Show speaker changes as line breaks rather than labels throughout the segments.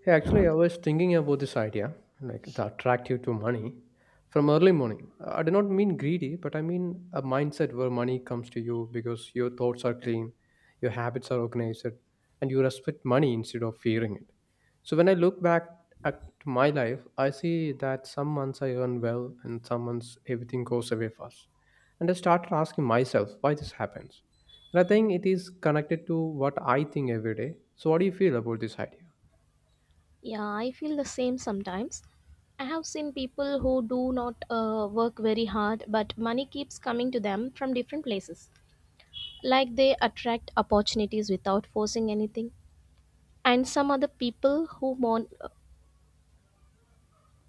Hey, actually, I was thinking about this idea, like the attractive to money, from early morning. I do not mean greedy, but I mean a mindset where money comes to you because your thoughts are clean, your habits are organized, and you respect money instead of fearing it. So when I look back at my life, I see that some months I earn well and some months everything goes away fast. And I started asking myself why this happens. And I think it is connected to what I think every day. So what do you feel about this idea?
Yeah, I feel the same sometimes. I have seen people who do not work very hard, but money keeps coming to them from different places. Like they attract opportunities without forcing anything. And some other people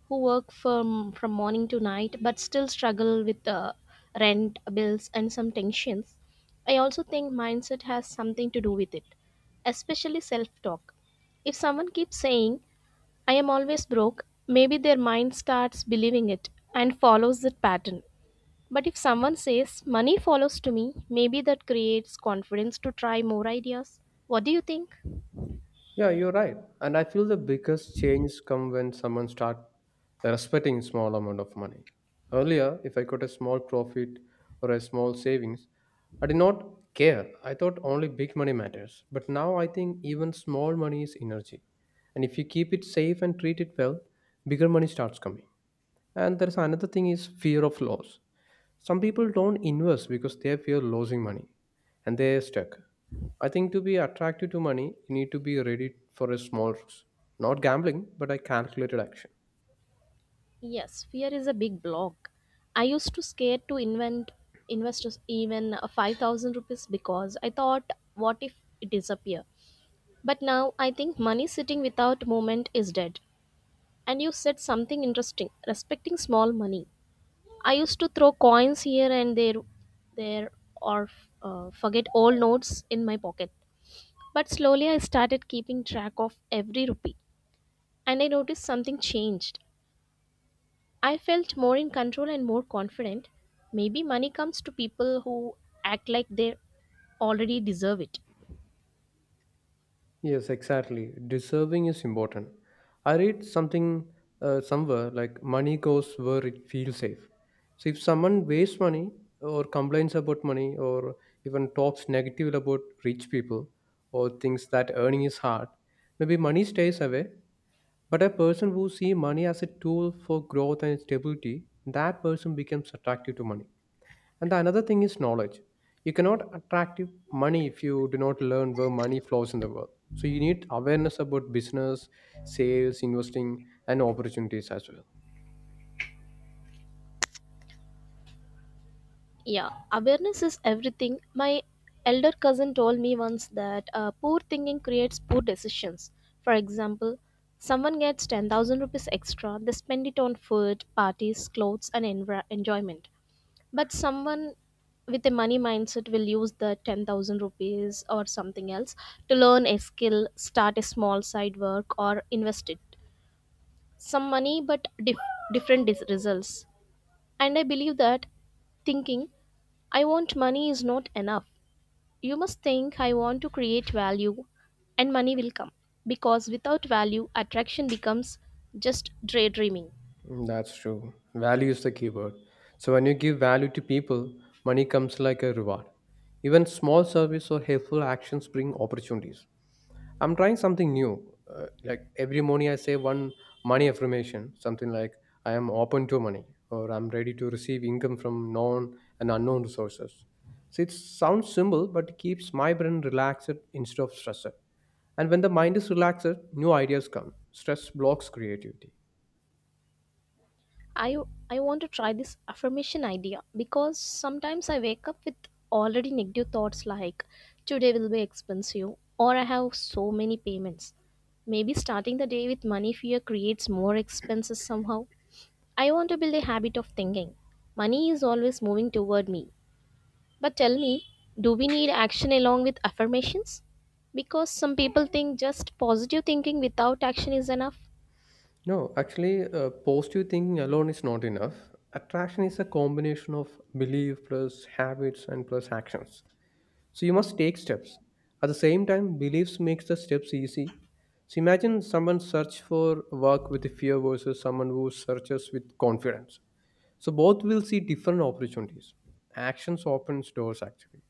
who work from morning to night, but still struggle with rent, bills, and some tensions. I also think mindset has something to do with it, especially self talk. If someone keeps saying, I am always broke, maybe their mind starts believing it and follows that pattern. But if someone says money follows to me, maybe that creates confidence to try more ideas. What do you think?
Yeah, you're right. And I feel the biggest change come when someone start respecting small amount of money. Earlier, if I got a small profit or a small savings, I did not care. I thought only big money matters. But now I think even small money is energy. And if you keep it safe and treat it well, bigger money starts coming. And there's another thing is fear of loss. Some people don't invest because they fear losing money and they're stuck. I think to be attracted to money, you need to be ready for a small risk. Not gambling, but a calculated action.
Yes, fear is a big block. I used to scared to invent even 5000 rupees because I thought, what if it disappear. But now I think money sitting without movement is dead. And you said something interesting, respecting small money. I used to throw coins here and there or forget old notes in my pocket. But slowly I started keeping track of every rupee, and I noticed something changed. I felt more in control and more confident. Maybe money comes to people who act like they already deserve it.
Yes, exactly. Deserving is important. I read something somewhere like money goes where it feels safe. So if someone wastes money or complains about money or even talks negatively about rich people or thinks that earning is hard, maybe money stays away. But a person who sees money as a tool for growth and stability, that person becomes attractive to money. And the another thing is knowledge. You cannot attract money if you do not learn where money flows in the world. So you need awareness about business, sales, investing, and opportunities as well.
Yeah, awareness is everything. My elder cousin told me once that poor thinking creates poor decisions. For example, someone gets 10,000 rupees extra, they spend it on food, parties, clothes, and enjoyment. But someone with a money mindset will use the 10,000 rupees or something else to learn a skill, start a small side work, or invest it. Some money, but different results. And I believe that thinking, I want money is not enough. You must think, I want to create value, and money will come. Because without value, attraction becomes just daydreaming.
Mm, that's true. Value is the keyword. So when you give value to people, money comes like a reward. Even small service or helpful actions bring opportunities. I'm trying something new. Like every morning, I say one money affirmation, something like I am open to money or I'm ready to receive income from known and unknown resources. So it sounds simple, but it keeps my brain relaxed instead of stressed. And when the mind is relaxed, new ideas come. Stress blocks creativity.
I, I want to try this affirmation idea because sometimes I wake up with already negative thoughts like, today will be expensive, or I have so many payments. Maybe starting the day with money fear creates more expenses somehow. I want to build a habit of thinking. Money is always moving toward me. But tell me, do we need action along with affirmations? Because some people think just positive thinking without action is enough.
No, actually, positive thinking alone is not enough. Attraction is a combination of belief plus habits and plus actions. So you must take steps. At the same time, beliefs makes the steps easy. So imagine someone search for work with fear versus someone who searches with confidence. So both will see different opportunities. Actions opens doors actually,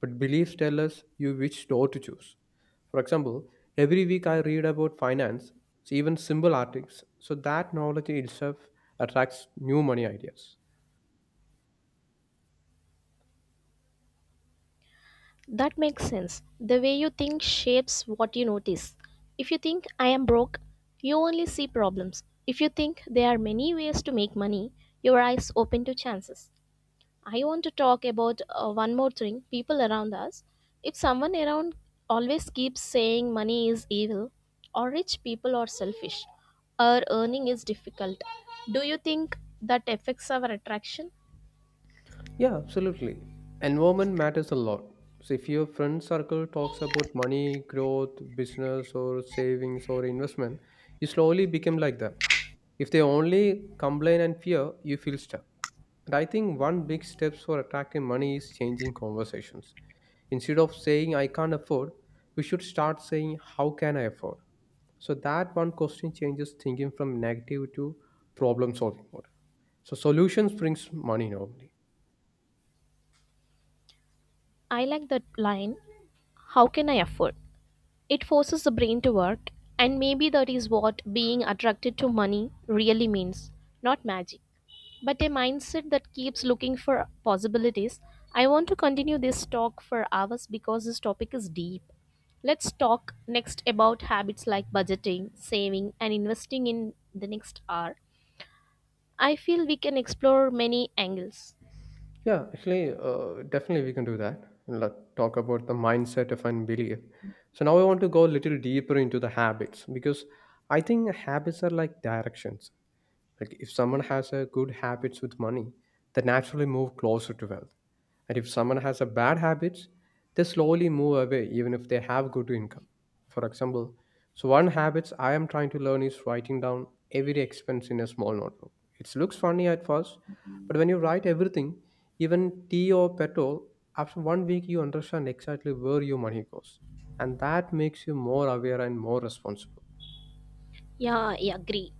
but beliefs tell us you which door to choose. For example, every week I read about finance, so even simple articles. So that knowledge itself attracts new money ideas.
That makes sense. The way you think shapes what you notice. If you think I am broke, you only see problems. If you think there are many ways to make money, your eyes open to chances. I want to talk about one more thing, people around us. If someone around always keeps saying money is evil, or rich people are selfish, or earning is difficult, do you think that affects our attraction?
Yeah, absolutely. Environment matters a lot. So if your friend circle talks about money, growth, business, or savings or investment, you slowly become like that. If they only complain and fear, you feel stuck. And I think one big steps for attracting money is changing conversations. Instead of saying I can't afford, we should start saying how can I afford? So that one question changes thinking from negative to problem solving mode. So solutions brings money normally.
I like that line, how can I afford? It forces the brain to work, and maybe that is what being attracted to money really means, not magic, but a mindset that keeps looking for possibilities. I want to continue this talk for hours because this topic is deep. Let's talk next about habits like budgeting, saving, and investing in the next hour. I feel we can explore many angles.
Yeah, actually, definitely we can do that. Let's talk about the mindset of and belief. So now I want to go a little deeper into the habits because I think habits are like directions. Like if someone has a good habits with money, they naturally move closer to wealth. And if someone has a bad habits, they slowly move away even if they have good income. For example, so one habits I am trying to learn is writing down every expense in a small notebook. It looks funny at first, but when you write everything, even tea or petrol, after one week you understand exactly where your money goes. And that makes you more aware and more responsible.
Yeah, I agree.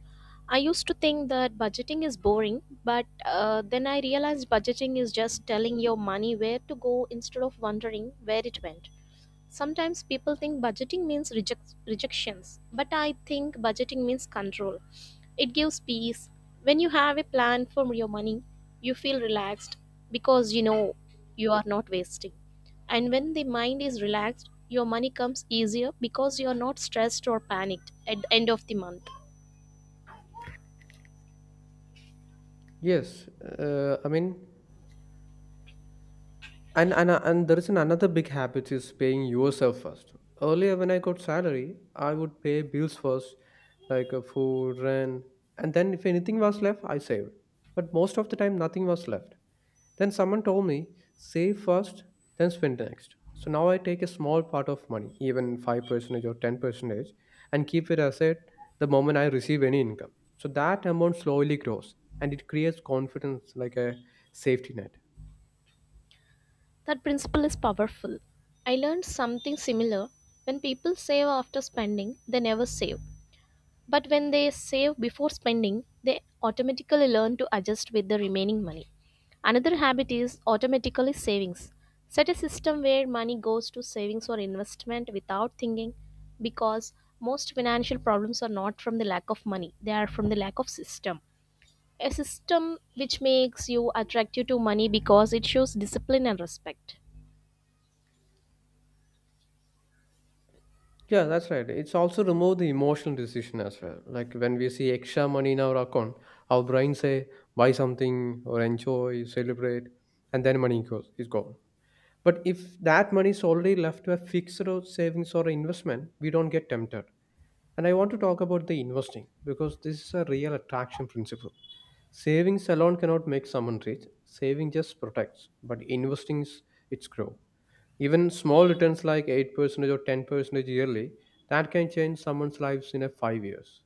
I used to think that budgeting is boring, but then I realized budgeting is just telling your money where to go instead of wondering where it went. Sometimes people think budgeting means rejections, but I think budgeting means control. It gives peace. When you have a plan for your money, you feel relaxed because you know you are not wasting. And when the mind is relaxed, your money comes easier because you are not stressed or panicked at the end of the month.
Yes, I mean, and there is an another big habit is paying yourself first. Earlier, when I got salary, I would pay bills first, like food, rent, and then if anything was left, I saved. But most of the time, nothing was left. Then someone told me, save first, then spend next. So now I take a small part of money, even 5% or 10%, and keep it aside the moment I receive any income. So that amount slowly grows and it creates confidence like a safety net.
That principle is powerful. I learned something similar. When people save after spending, they never save. But when they save before spending, they automatically learn to adjust with the remaining money. Another habit is automatically savings. Set a system where money goes to savings or investment without thinking, because most financial problems are not from the lack of money, they are from the lack of system. A system which makes you attractive to money because it shows discipline and respect.
Yeah, that's right. It's also remove the emotional decision as well. Like when we see extra money in our account, our brain say buy something or enjoy, celebrate, and then money goes is gone. But if that money is already left to a fixed or savings or investment, we don't get tempted. And I want to talk about the investing because this is a real attraction principle. Savings alone cannot make someone rich. Saving just protects, but investing is its grow. Even small returns like 8% or 10% yearly, that can change someone's lives in a 5 years.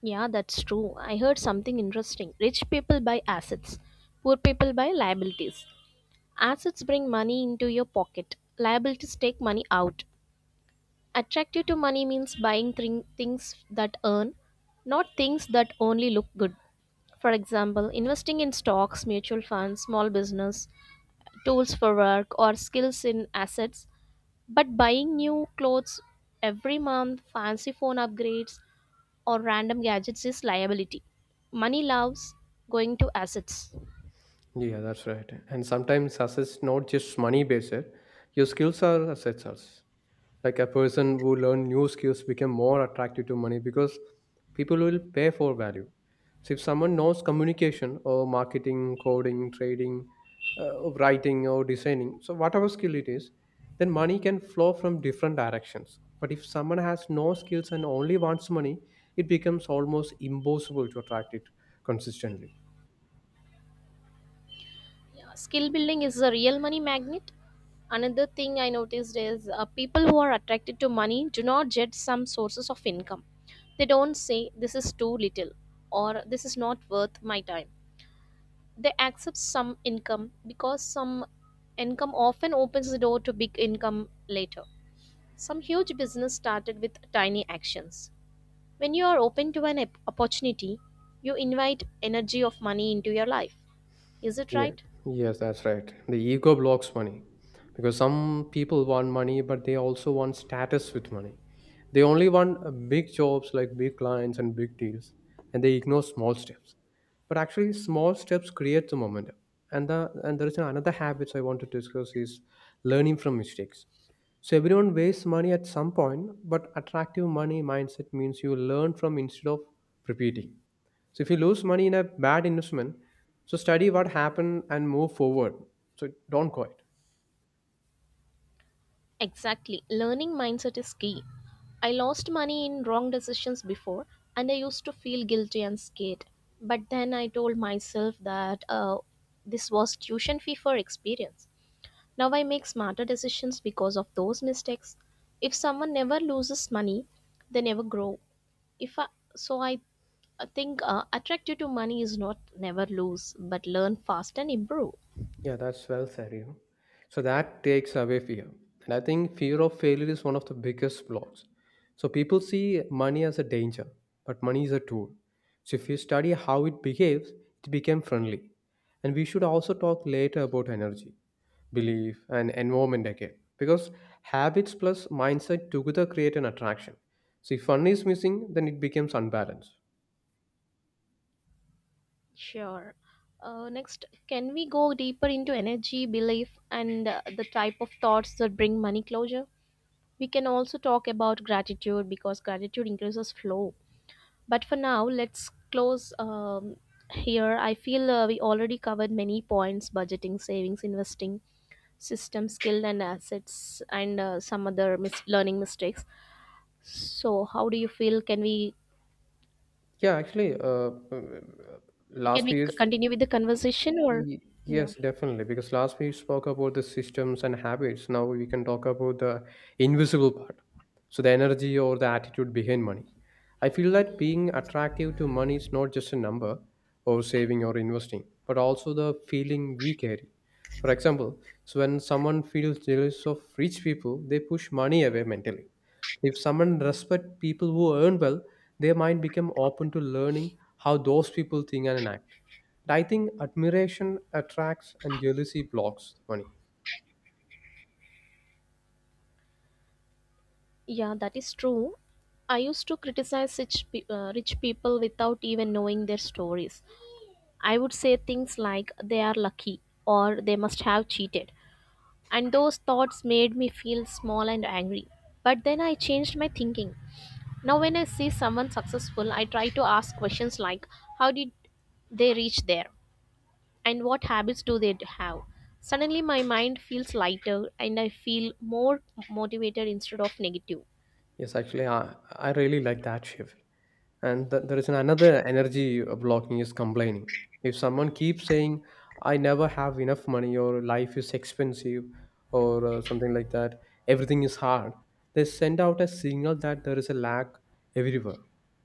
Yeah, that's true. I heard something interesting. Rich people buy assets, poor people buy liabilities. Assets bring money into your pocket, liabilities take money out. Attractive to money means buying things that earn, not things that only look good. For example, investing in stocks, mutual funds, small business, tools for work, or skills in assets. But buying new clothes every month, fancy phone upgrades, or random gadgets is liability. Money loves going to assets.
Yeah, that's right. And sometimes assets not just money based, your skills are assets also. Like a person who learn new skills become more attractive to money, because people will pay for value. So if someone knows communication or marketing, coding, trading, writing or designing, so whatever skill it is, then money can flow from different directions. But if someone has no skills and only wants money, it becomes almost impossible to attract it consistently.
Yeah, skill building is a real money magnet. Another thing I noticed is people who are attracted to money do not judge some sources of income. They don't say this is too little or this is not worth my time. They accept some income because some income often opens the door to big income later. Some huge business started with tiny actions. When you are open to an opportunity, you invite energy of money into your life. Is it
Yeah,
right?
yes, that's right. The ego blocks money because some people want money, but they also want status with money. They only want big jobs like big clients and big deals, and they ignore small steps. But actually, small steps create the momentum. And the and there is another habits I want to discuss is learning from mistakes. So everyone wastes money at some point, but attractive money mindset means you learn from instead of repeating. So if you lose money in a bad investment, so study what happened and move forward. So don't quit.
Exactly. Learning mindset is key. I lost money in wrong decisions before and I used to feel guilty and scared. But then I told myself that this was tuition fee for experience. Now I make smarter decisions because of those mistakes. If someone never loses money, they never grow. If I, so I think attractive to money is not never lose but learn fast and improve.
Yeah, that's well said, you know. So that takes away fear. And I think fear of failure is one of the biggest flaws. So people see money as a danger, but money is a tool. So if you study how it behaves, it became friendly. And we should also talk later about energy, belief, and environment again. Because habits plus mindset together create an attraction. So if one is missing, then it becomes unbalanced.
Sure. Next, can we go deeper into energy, belief, and the type of thoughts that bring money closure? We can also talk about gratitude because gratitude increases flow. But for now, let's close here. I feel we already covered many points, budgeting, savings, investing, system, skill, and assets, and some other learning mistakes. So, how do you feel? Can we
Yeah, actually,
can
last
we
few
c-
years
continue with the conversation, or
Y-
yeah?
yes, definitely. Because last we spoke about the systems and habits. Now we can talk about the invisible part. So the energy or the attitude behind money. I feel that being attractive to money is not just a number or saving or investing, but also the feeling we carry. For example, so when someone feels jealous of rich people, they push money away mentally. If someone respects people who earn well, they might become open to learning how those people think and act, and I think admiration attracts and jealousy blocks money.
Yeah, that is true. I used to criticize rich people without even knowing their stories. I would say things like they are lucky or they must have cheated. And those thoughts made me feel small and angry. But then I changed my thinking. Now, when I see someone successful, I try to ask questions like, how did they reach there and what habits do they have? Suddenly, my mind feels lighter and I feel more motivated instead of negative.
Yes, actually, I really like that shift. And there is another energy blocking is complaining. If someone keeps saying, I never have enough money, or life is expensive, or something like that, everything is hard, they send out a signal that there is a lack everywhere.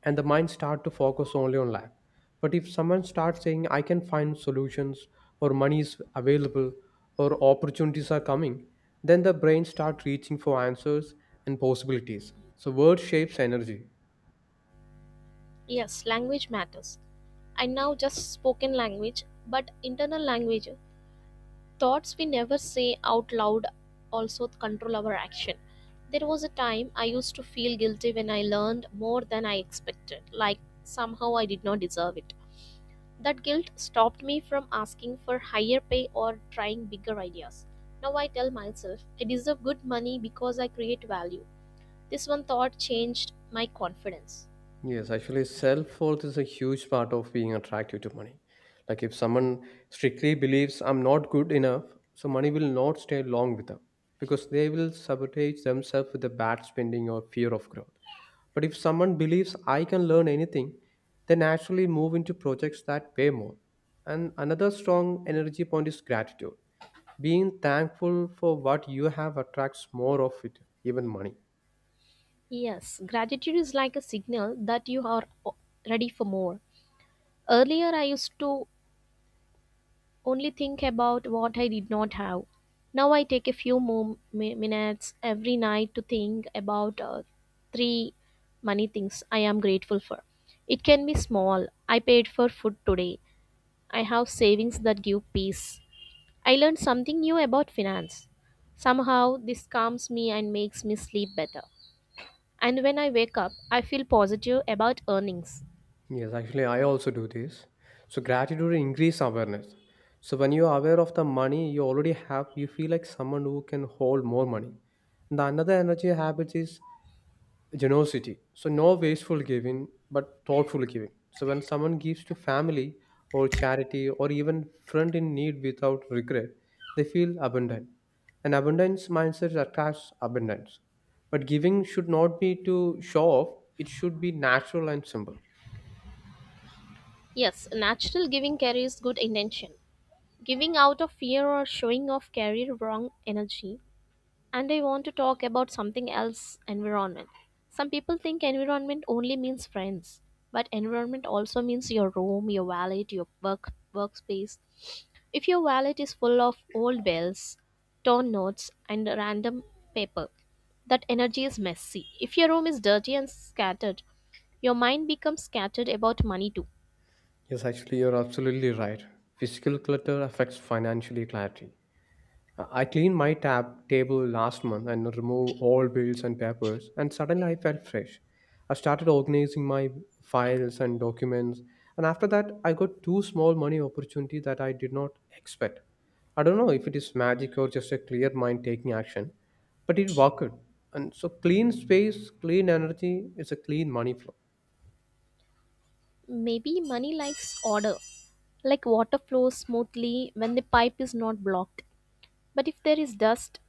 And the mind start to focus only on lack. But if someone starts saying, I can find solutions, or money is available, or opportunities are coming, then the brain starts reaching for answers and possibilities. So word shapes energy.
Yes, language matters. I now just spoken language, but internal language, thoughts we never say out loud, also control our action. There was a time I used to feel guilty when I learned more than I expected, like somehow I did not deserve it. That guilt stopped me from asking for higher pay or trying bigger ideas. Now I tell myself I deserve good money because I create value. This one thought changed my confidence.
Yes, actually, self worth is a huge part of being attractive to money. Like if someone strictly believes I'm not good enough, so money will not stay long with them because they will sabotage themselves with the bad spending or fear of growth. But if someone believes I can learn anything, they naturally move into projects that pay more. And another strong energy point is gratitude. Being thankful for what you have attracts more of it, even money.
Yes, gratitude is like a signal that ready for more. Earlier, I used to only think about what I did not have. Now, I take a few more minutes every night to think about three money things I am grateful for. It can be small. I paid for food today. I have savings that give peace. I learned something new about finance. Somehow, this calms me and makes me sleep better. And when I wake up, I feel positive about earnings.
Yes, actually, I also do this. So gratitude increase awareness. So when you are aware of the money you already have, you feel like someone who can hold more money. And the another energy habit is generosity. So no wasteful giving, but thoughtful giving. So when someone gives to family or charity or even friend in need without regret, they feel abundant. An abundance mindset attracts abundance. But giving should not be to show off, it should be natural and simple.
Yes, natural giving carries good intention. Giving out of fear or showing off carries wrong energy. And I want to talk about something else, environment. Some people think environment only means friends, but environment also means your room, your wallet, your workspace. If your wallet is full of old bills, torn notes, and random paper, that energy is messy. If your room is dirty and scattered, your mind becomes scattered about money too.
Yes, actually, you're absolutely right. Physical clutter affects financially clarity. I cleaned my tab table last month and removed all bills and papers, and suddenly I felt fresh. I started organizing my files and documents, and after that, I got two small money opportunities that I did not expect. I don't know if it is magic or just a clear mind taking action, but it worked. And so, clean space, clean energy is a clean money flow.
Maybe money likes order, like water flows smoothly when the pipe is not blocked. But if there is dust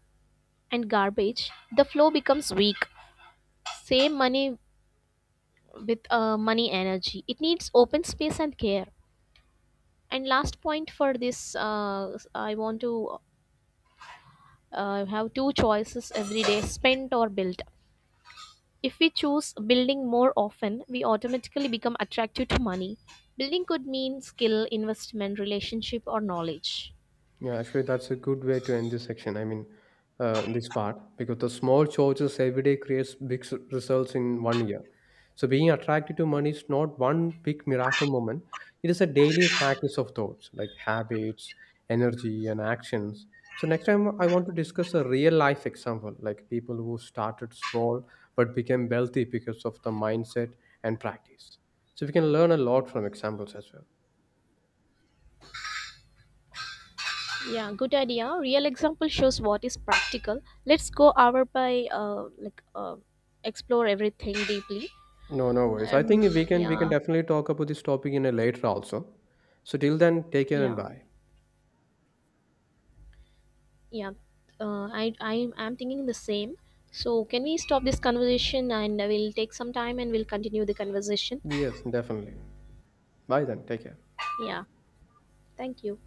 and garbage, the flow becomes weak. Same money with money energy. It needs open space and care. And last point for this, I want to have two choices every day, spent or built. If we choose building more often, we automatically become attracted to money. Building could mean skill, investment, relationship, or knowledge.
Yeah, actually, that's a good way to end this section. I mean, this part because the small choices every day creates big results in one year. So, being attracted to money is not one big miracle moment. It is a daily practice of thoughts, like habits, energy, and actions. So, next time I want to discuss a real life example, like people who started small but became wealthy because of the mindset and practice. So, we can learn a lot from examples as well.
Yeah, good idea. Real example shows what is practical. Let's go hour by explore everything deeply.
No, no worries. I think we can
Yeah,
definitely talk about this topic in a later also. So till then, take care and
yeah,
bye.
yeah. I am thinking the same. So can we stop this conversation and we'll take some time and we'll continue the conversation?
Yes, definitely. Bye then. Take care.
Yeah. Thank you.